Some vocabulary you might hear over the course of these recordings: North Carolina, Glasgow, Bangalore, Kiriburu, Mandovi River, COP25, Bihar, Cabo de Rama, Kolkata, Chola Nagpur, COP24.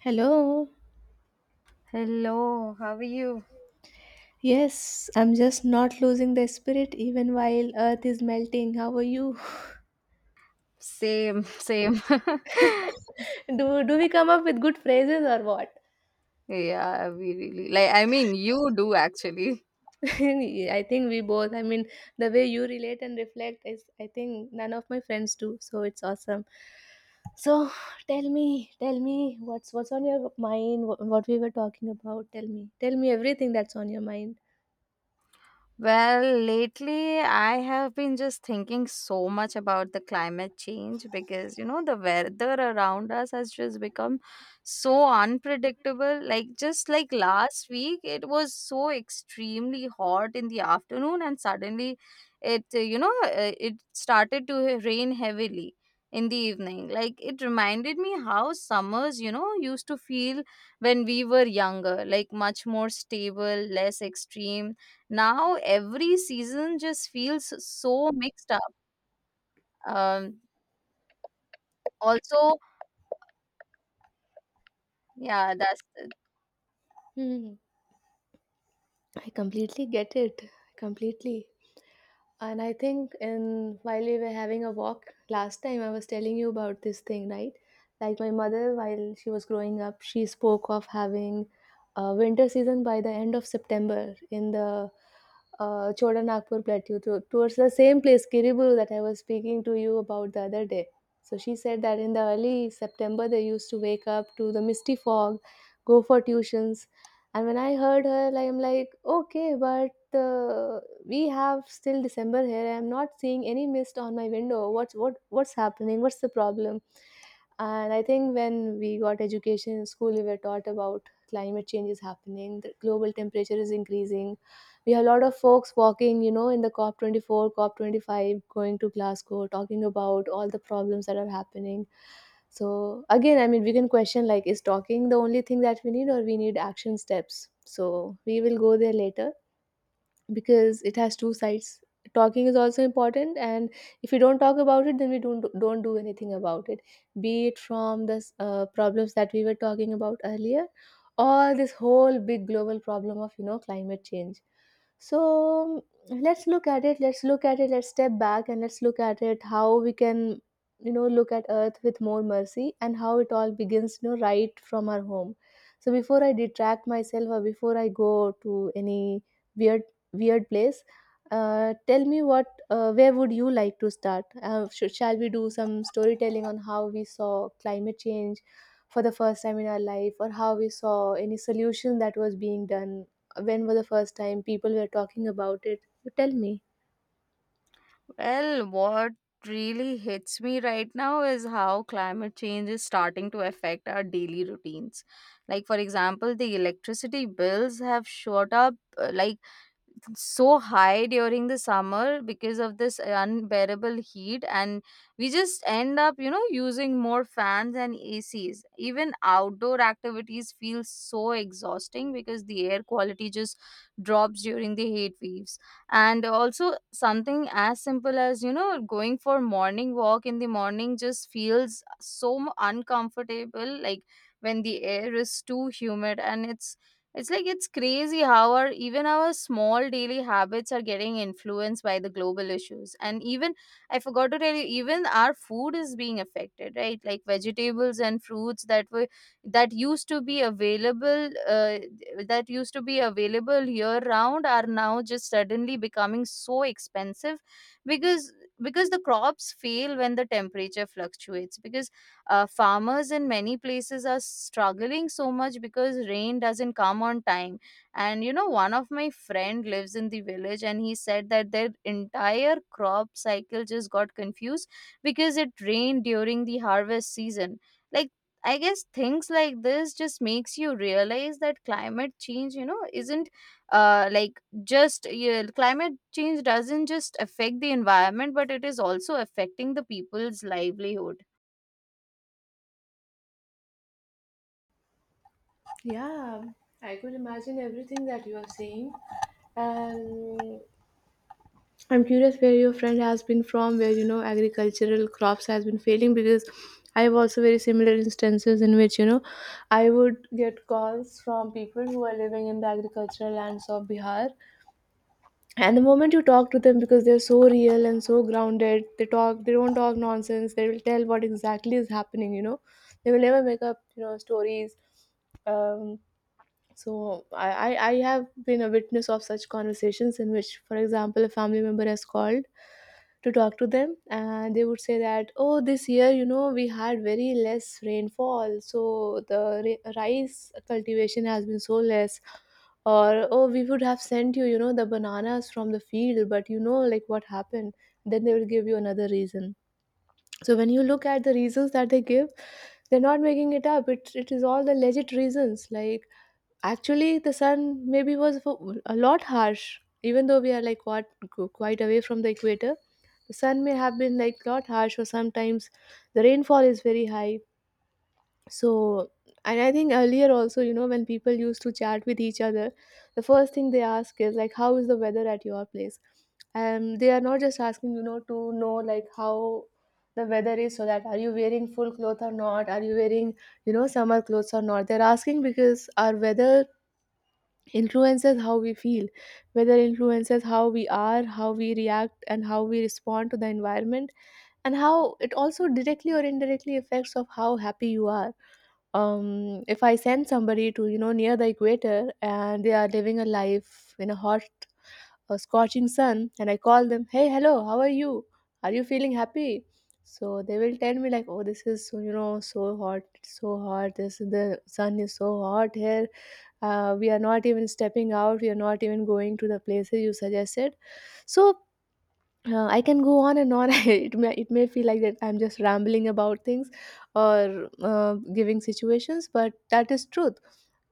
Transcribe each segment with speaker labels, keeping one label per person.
Speaker 1: Hello.
Speaker 2: Hello, how are you?
Speaker 1: Yes, I'm just not losing the spirit even while earth is melting. How are you?
Speaker 2: Same, same.
Speaker 1: Do we come up with good phrases or what?
Speaker 2: Yeah, we really, like, I mean, you do actually.
Speaker 1: I think we both. The way you relate and reflect is I think none of my friends do, so it's awesome. So, tell me, tell me what's on your mind, what we were talking about. Tell me. Tell me everything that's on your mind.
Speaker 2: Well, lately I have been just thinking so much about the climate change because the weather around us has just become so unpredictable. Like, just like last week, it was so extremely hot in the afternoon, and suddenly it you know it started to rain heavily in the evening. Like, it reminded me how summers used to feel when we were younger, like much more stable, less extreme. Now every season just feels so mixed up. Um, Also, yeah, that's it.
Speaker 1: Hmm. I completely get it. Completely. And I think in while we were having a walk last time, I was telling you about this thing, right? Like my mother, while she was growing up, she spoke of having a winter season by the end of September in the Chola Nagpur plateau towards the same place, Kiriburu, that I was speaking to you about the other day. So she said that in the early September, they used to wake up to the misty fog, go for tuitions, and when I heard her, like, I'm like, okay, but we have still December here. I'm not seeing any mist on my window. What's happening? What's the problem? And I think when we got education in school, we were taught about climate change is happening, the global temperature is increasing. We have a lot of folks walking, you know, in the COP24, COP25, going to Glasgow, talking about all the problems that are happening. So, again, I mean, we can question like, is talking the only thing that we need, or we need action steps? So, we will go there later because it has two sides. Talking is also important, and if we don't talk about it, then we don't do anything about it, be it from the problems that we were talking about earlier, or this whole big global problem of, you know, climate change. So, let's look at it, let's step back and let's look at it, how we can, you know, look at earth with more mercy and how it all begins, you know, right from our home. So before I detract myself, or before I go to any weird weird place. Tell me what, where would you like to start? Shall we do some storytelling on how we saw climate change for the first time in our life, or how we saw any solution that was being done? When was the first time people were talking about it? You tell me.
Speaker 2: Well, what really hits me right now is how climate change is starting to affect our daily routines. Like, for example, the electricity bills have shot up, like, so high during the summer because of this unbearable heat, and we just end up using more fans and ACs. Even outdoor activities feel so exhausting because the air quality just drops during the heat waves. And also something as simple as going for morning walk in the morning just feels so uncomfortable, like when the air is too humid, and it's like it's crazy how our, even our, small daily habits are getting influenced by the global issues. And even, I forgot to tell you, even our food is being affected, right? Like vegetables and fruits that used to be available year round are now just suddenly becoming so expensive, because because the crops fail when the temperature fluctuates, because farmers in many places are struggling so much because rain doesn't come on time. And one of my friend lives in the village, and he said that their entire crop cycle just got confused because it rained during the harvest season. Like, I guess things like this just makes you realize that climate change, isn't like just yeah, climate change doesn't just affect the environment, but it is also affecting the people's livelihood.
Speaker 1: Yeah, I could imagine everything that you are saying. Um, I'm curious where your friend has been from, where, you know, agricultural crops has been failing, because I have also very similar instances in which, you know, I would get calls from people who are living in the agricultural lands of Bihar, and the moment you talk to them, because they're so real and so grounded, they don't talk nonsense. They will tell what exactly is happening. You know, they will never make up, you know, stories. Um, so I have been a witness of such conversations in which, for example, a family member has called to talk to them, and they would say that, oh, this year, you know, we had very less rainfall. So the rice cultivation has been so less. Or, oh, we would have sent you, you know, the bananas from the field, but you know, like what happened. Then they will give you another reason. So when you look at the reasons that they give, they're not making it up. It is all the legit reasons. Like, actually, the sun maybe was a lot harsh, even though we are like what quite away from the equator. The sun may have been like lot harsh, or sometimes the rainfall is very high. So, and I think earlier also, you know, when people used to chat with each other, the first thing they ask is like, how is the weather at your place? And they are not just asking, you know, to know like how the weather is, so that are you wearing full cloth or not? Are you wearing, you know, summer clothes or not? They're asking because our weather influences how we feel, whether influences how we are, how we react and how we respond to the environment, and how it also directly or indirectly affects of how happy you are. If I send somebody to, you know, near the equator, and they are living a life in a hot, scorching sun, and I call them, hey, hello, how are you? Are you feeling happy? So they will tell me like, oh, this is so, you know, so hot, it's so hot. This the sun is so hot here. We are not even stepping out. We are not even going to the places you suggested. So, I can go on and on. It may feel like that I'm just rambling about things, or giving situations, but that is truth.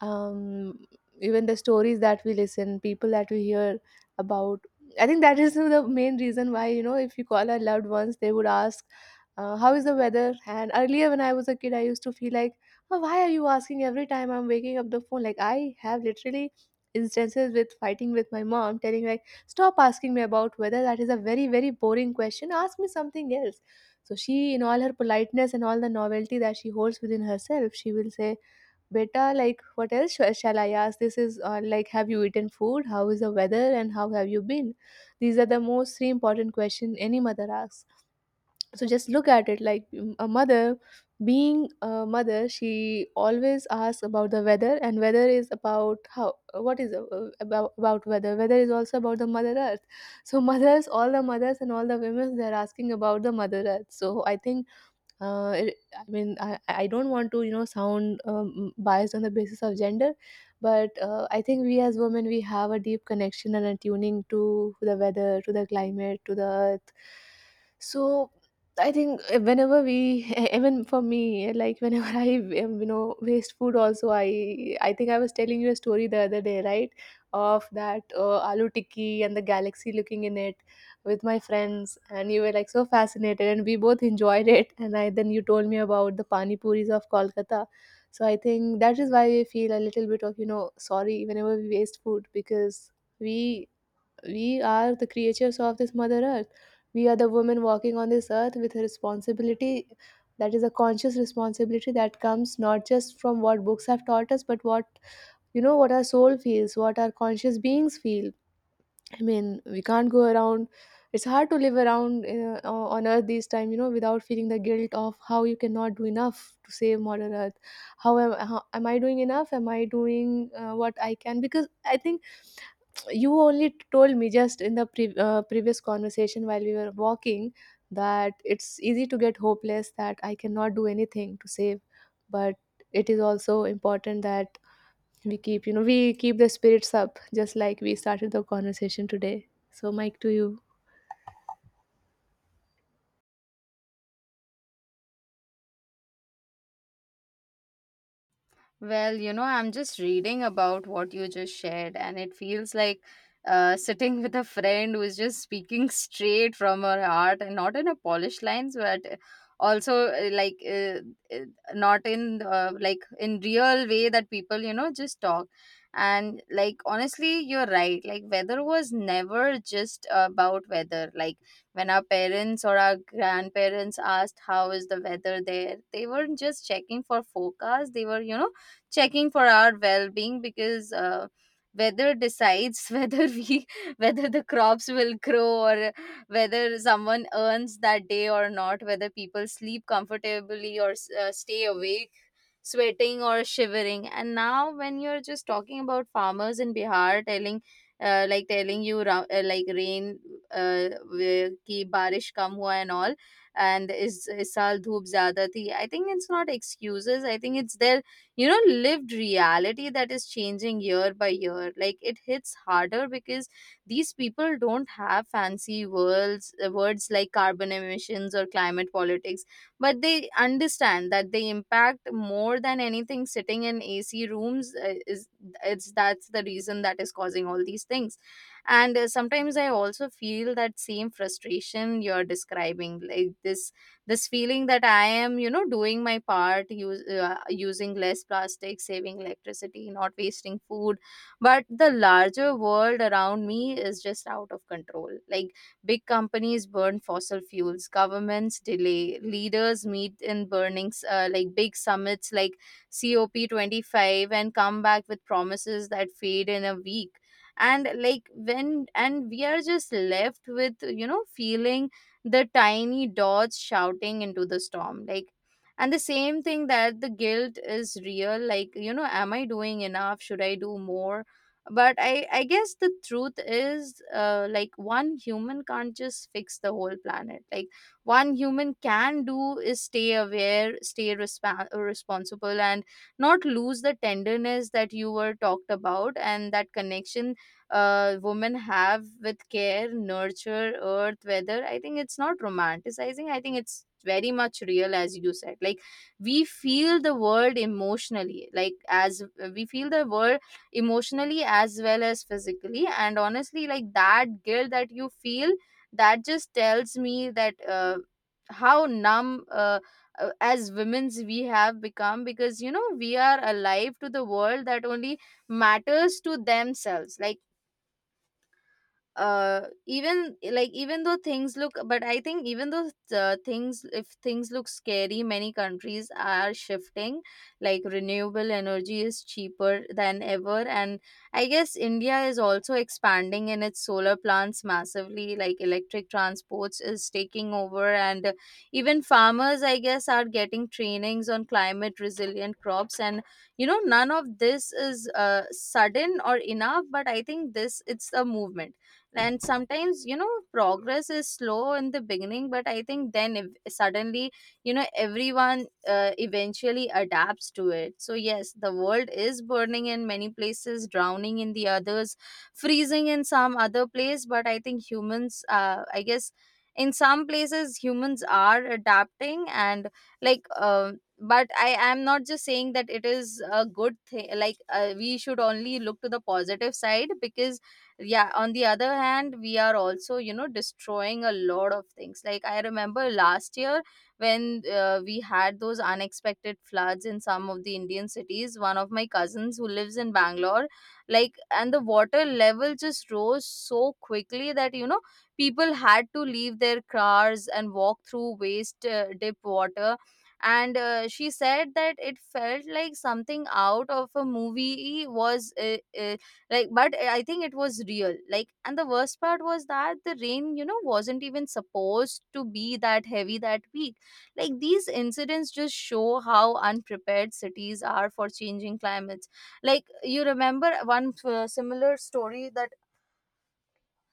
Speaker 1: Um, Even the stories that we listen, people that we hear about, I think that is the main reason why, you know, if you call our loved ones, they would ask, "How is the weather?" And earlier when I was a kid, I used to feel like, oh, "Why are you asking every time I'm waking up the phone?" Like I have literally instances with fighting with my mom, telling like, stop asking me about whether that is a very, very boring question. Ask me something else. So she, in all her politeness and all the novelty that she holds within herself, she will say, Beta, like, what else shall I ask? This is, like, have you eaten food? How is the weather? And how have you been? These are the most three important questions any mother asks. So just look at it like, mm, a mother, being a mother, she always asks about the weather, and weather is about how, what is, about weather. Weather is also about the mother earth. So mothers, all the mothers and all the women, they're asking about the mother earth. So I think, I mean, I don't want to, you know, sound biased on the basis of gender, but I think we as women, we have a deep connection and attuning to the weather, to the climate, to the earth. So I think whenever we, even for me, like whenever I, you know, waste food also, I think I was telling you a story the other day, right? Of that aloo tikki and the galaxy looking in it with my friends, and you were like so fascinated and we both enjoyed it. And I then you told me about the pani puris of Kolkata. So I think that is why we feel a little bit of, you know, sorry whenever we waste food, because we we are the creatures of this mother earth. We are the women walking on this earth with a responsibility, that is a conscious responsibility that comes not just from what books have taught us, but what, you know, what our soul feels, what our conscious beings feel. I mean, we can't go around. It's hard to live around on Earth these time, you know, without feeling the guilt of how you cannot do enough to save Mother Earth. Am I doing enough? Am I doing what I can? Because I think you only told me just in the previous conversation while we were walking, that it's easy to get hopeless that I cannot do anything to save, but it is also important that we keep, you know, we keep the spirits up, just like we started the conversation today. So, Mike, to you.
Speaker 2: Well, I'm just reading about what you just shared, and it feels like sitting with a friend who is just speaking straight from her heart, and not in a polished lines, but also uh, not in real way that people just talk. And, like, honestly, you're right. Like, weather was never just about weather. Like, when our parents or our grandparents asked how is the weather there, they weren't just checking for forecast. They were checking for our well-being because weather decides whether the crops will grow, or whether someone earns that day or not, whether people sleep comfortably, or stay awake sweating or shivering. And now when you're just talking about farmers in Bihar, telling telling you like rain ki barish kam hua and all, and is saal dhoop zyada thi. I think it's not excuses. I think it's their lived reality that is changing year by year. Like it hits harder because these people don't have fancy words like carbon emissions or climate politics, but they understand that they impact more than anything sitting in AC rooms. Uh, is it's that's the reason that is causing all these things. And sometimes I also feel that same frustration you're describing, like this feeling that I am doing my part, using less plastic, saving electricity, not wasting food. But the larger world around me is just out of control. Like, big companies burn fossil fuels, governments delay, leaders meet in burnings, like, big summits like COP25, and come back with promises that fade in a week. And like, when and we are just left with feeling the tiny dots shouting into the storm, like, and the same thing, that the guilt is real. Like, am I doing enough? Should I do more? But I guess the truth is, like, one human can't just fix the whole planet. Like, one human can do is stay aware, stay responsible, and not lose the tenderness that you were talked about, and that connection women have with care, nurture, earth, weather. I think it's not romanticizing. I think it's very much real, as you said. Like, we feel the world emotionally, like as we feel the world emotionally as well as physically. And honestly, like, that guilt that you feel, that just tells me that, how numb. As women's we have become, because we are alive to the world that only matters to themselves. Like, like, even though things look, but I think, even though, things if things look scary, many countries are shifting. Like, renewable energy is cheaper than ever, and I guess India is also expanding in its solar plants massively. Like, electric transports is taking over, and even farmers, I guess, are getting trainings on climate resilient crops. And none of this is sudden or enough, but I think, this it's a movement. And sometimes, progress is slow in the beginning, but I think then if suddenly, everyone eventually adapts to it. So yes, the world is burning in many places, drowning in the others, freezing in some other place, but I think humans, I guess, in some places humans are adapting. And like, but I am not just saying that it is a good thing. Like, we should only look to the positive side, because yeah, on the other hand we are also destroying a lot of things. Like, I remember last year when we had those unexpected floods in some of the Indian cities. One of my cousins who lives in Bangalore, like, and the water level just rose so quickly that, people had to leave their cars and walk through waist dip water. And she said that it felt like something out of a movie, was like, but I think it was real. Like, and the worst part was that the rain, wasn't even supposed to be that heavy that week. Like, these incidents just show how unprepared cities are for changing climates. Like, you remember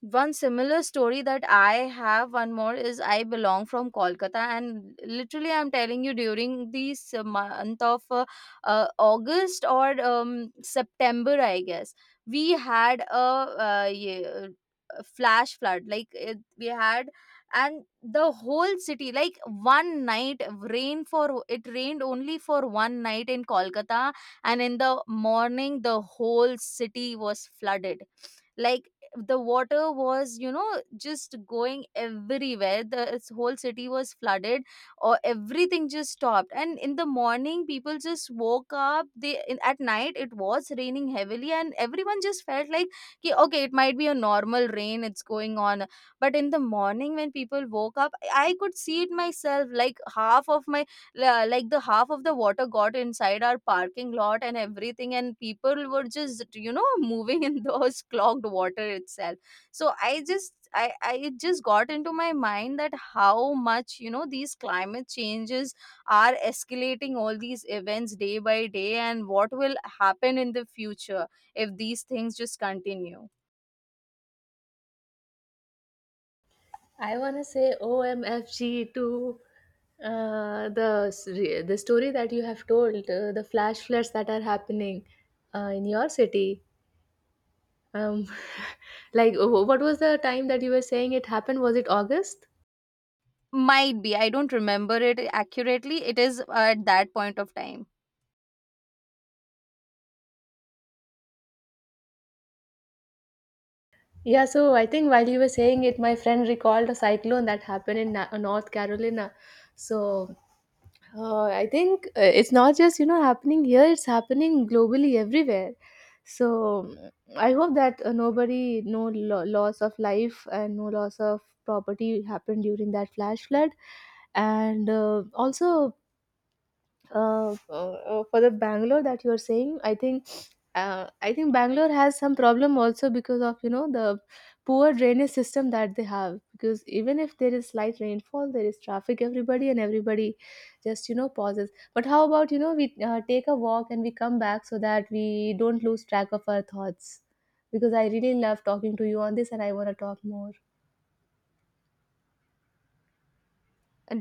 Speaker 2: one similar story that I have. One more is, I belong from Kolkata, and literally, I'm telling you, during this month of August or September, I guess, we had a flash flood. Like, we had, and the whole city, like, one night, rain for it rained only for one night in Kolkata, and in the morning, the whole city was flooded. Like, the water was just going everywhere. The its whole city was flooded, or everything just stopped, and in the morning people just woke up. At night it was raining heavily, and everyone just felt like, "Ki, okay, it might be a normal rain, it's going on," but in the morning when people woke up, I could see it myself. Like, half of my la- like the half of the water got inside our parking lot and everything, and people were just moving in those clogged water itself. So I just I it just got into my mind that how much, these climate changes are escalating all these events day by day, and what will happen in the future if these things just continue.
Speaker 1: I want to say OMFG to the story that you have told, the flash floods that are happening in your city. Um, like, what was the time that you were saying it happened? Was it August?
Speaker 2: Might be, I don't remember it accurately. It is at that point of time.
Speaker 1: Yeah, so I think while you were saying it, my friend recalled a cyclone that happened in North Carolina. So, I think, it's not just, you know, happening here; it's happening globally everywhere. So, mm, I hope that, nobody, no loss of life and no loss of property happened during that flash flood. And also, for the Bangalore that you are saying, I think, I think Bangalore has some problem also because of, you know, the poor drainage system that they have. Because even if there is slight rainfall, there is traffic, everybody and everybody just, you know, pauses. But how about, you know, we take a walk and we come back so that we don't lose track of our thoughts. Because I really love talking to you on this, and I want to talk more.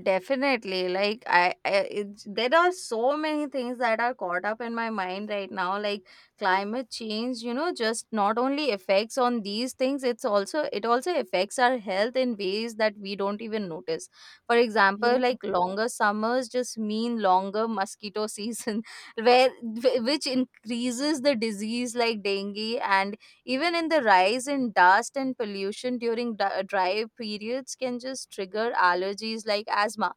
Speaker 2: Definitely, like there are so many things that are caught up in my mind right now. Like climate change, just not only affects on these things, it also affects our health in ways that we don't even notice. For example,
Speaker 1: Yeah.
Speaker 2: like, longer summers just mean longer mosquito season, which increases the disease like dengue, and even in the rise in dust and pollution during dry periods can just trigger allergies like asthma.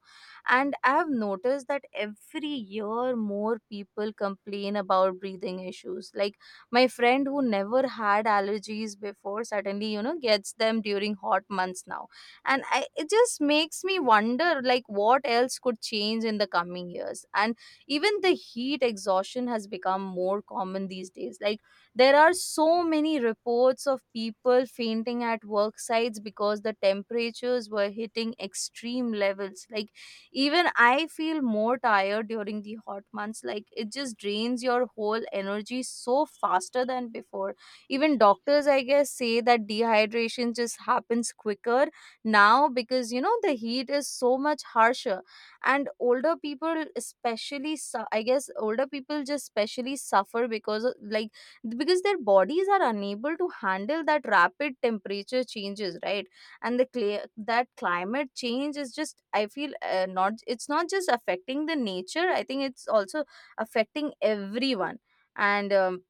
Speaker 2: And I've noticed that every year more people complain about breathing issues. Like, my friend who never had allergies before suddenly, gets them during hot months now. And it just makes me wonder like what else could change in the coming years. And even the heat exhaustion has become more common these days. Like, there are so many reports of people fainting at work sites because the temperatures were hitting extreme levels. Like, even I feel more tired during the hot months. Like, it just drains your whole energy so faster than before. Even doctors, I guess, say that dehydration just happens quicker now because, the heat is so much harsher, and older people especially I guess older people just especially suffer because of, like because their bodies are unable to handle that rapid temperature changes, right. And the that climate change is just, I feel, not it's not just affecting the nature. I think it's also affecting everyone. And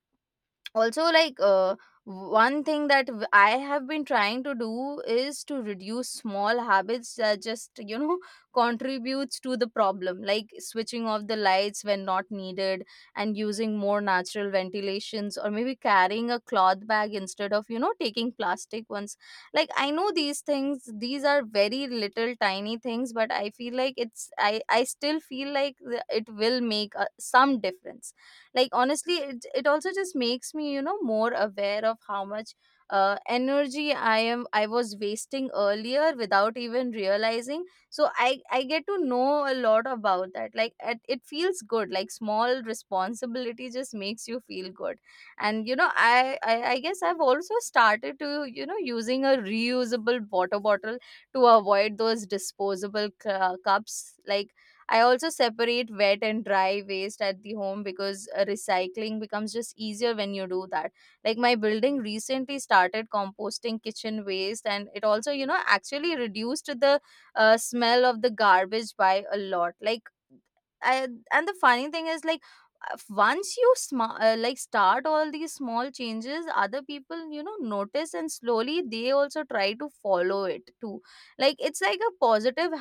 Speaker 2: also, like one thing that I have been trying to do is to reduce small habits that just, contributes to the problem, like switching off the lights when not needed, and using more natural ventilations, or maybe carrying a cloth bag instead of taking plastic ones. Like, I know these things, these are very little tiny things, but I feel like it's I still feel like it will make some difference. Like honestly, it also just makes me, more aware of how much energy I was wasting earlier without even realizing. So I get to know a lot about that. Like, it feels good. Like small responsibility just makes you feel good. And I I guess I've also started to, using a reusable water bottle to avoid those disposable cups. Like I also separate wet and dry waste at the home because recycling becomes just easier when you do that. Like my building recently started composting kitchen waste, and it also, actually reduced the smell of the garbage by a lot. Like I, and the funny thing is like, once you like start all these small changes, other people notice, and slowly they also try to follow it too. Like it's like a positive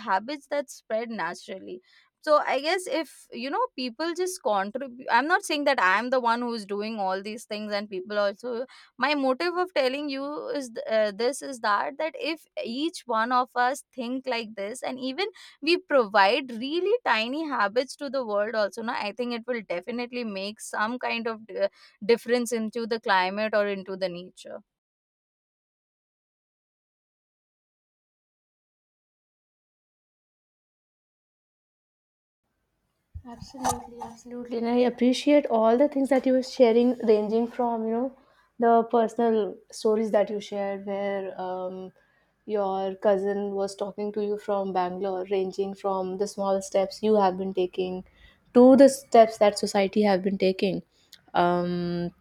Speaker 2: habits that spread naturally. So I guess if, people just contribute. I'm not saying that I'm the one who's doing all these things, and people also, my motive of telling you is this is that if each one of us think like this, and even we provide really tiny habits to the world also now, I think it will definitely make some kind of difference into the climate or into the nature.
Speaker 1: Absolutely, absolutely. And I appreciate all the things that you were sharing, ranging from, you know, the personal stories that you shared where, your cousin was talking to you from Bangalore, ranging from the small steps you have been taking to the steps that society have been taking. Um,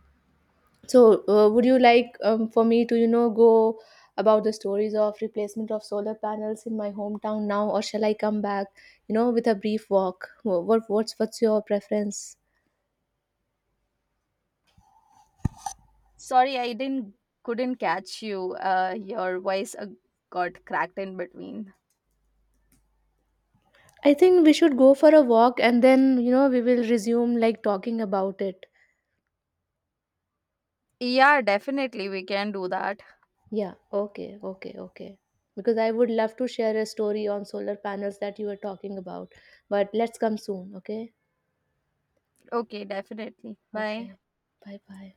Speaker 1: so, would you like, for me to, you know, go about the stories of replacement of solar panels in my hometown now, or shall I come back, you know, with a brief walk? What, what's your preference?
Speaker 2: Sorry, I didn't couldn't catch you. Your voice got cracked in between.
Speaker 1: I think we should go for a walk, and then you know we will resume like talking about it.
Speaker 2: Yeah, definitely we can do that.
Speaker 1: Yeah. Okay. Okay. Okay. Because I would love to share a story on solar panels that you were talking about, but let's come soon. Okay.
Speaker 2: Okay, definitely. Bye.
Speaker 1: Okay. Bye. Bye.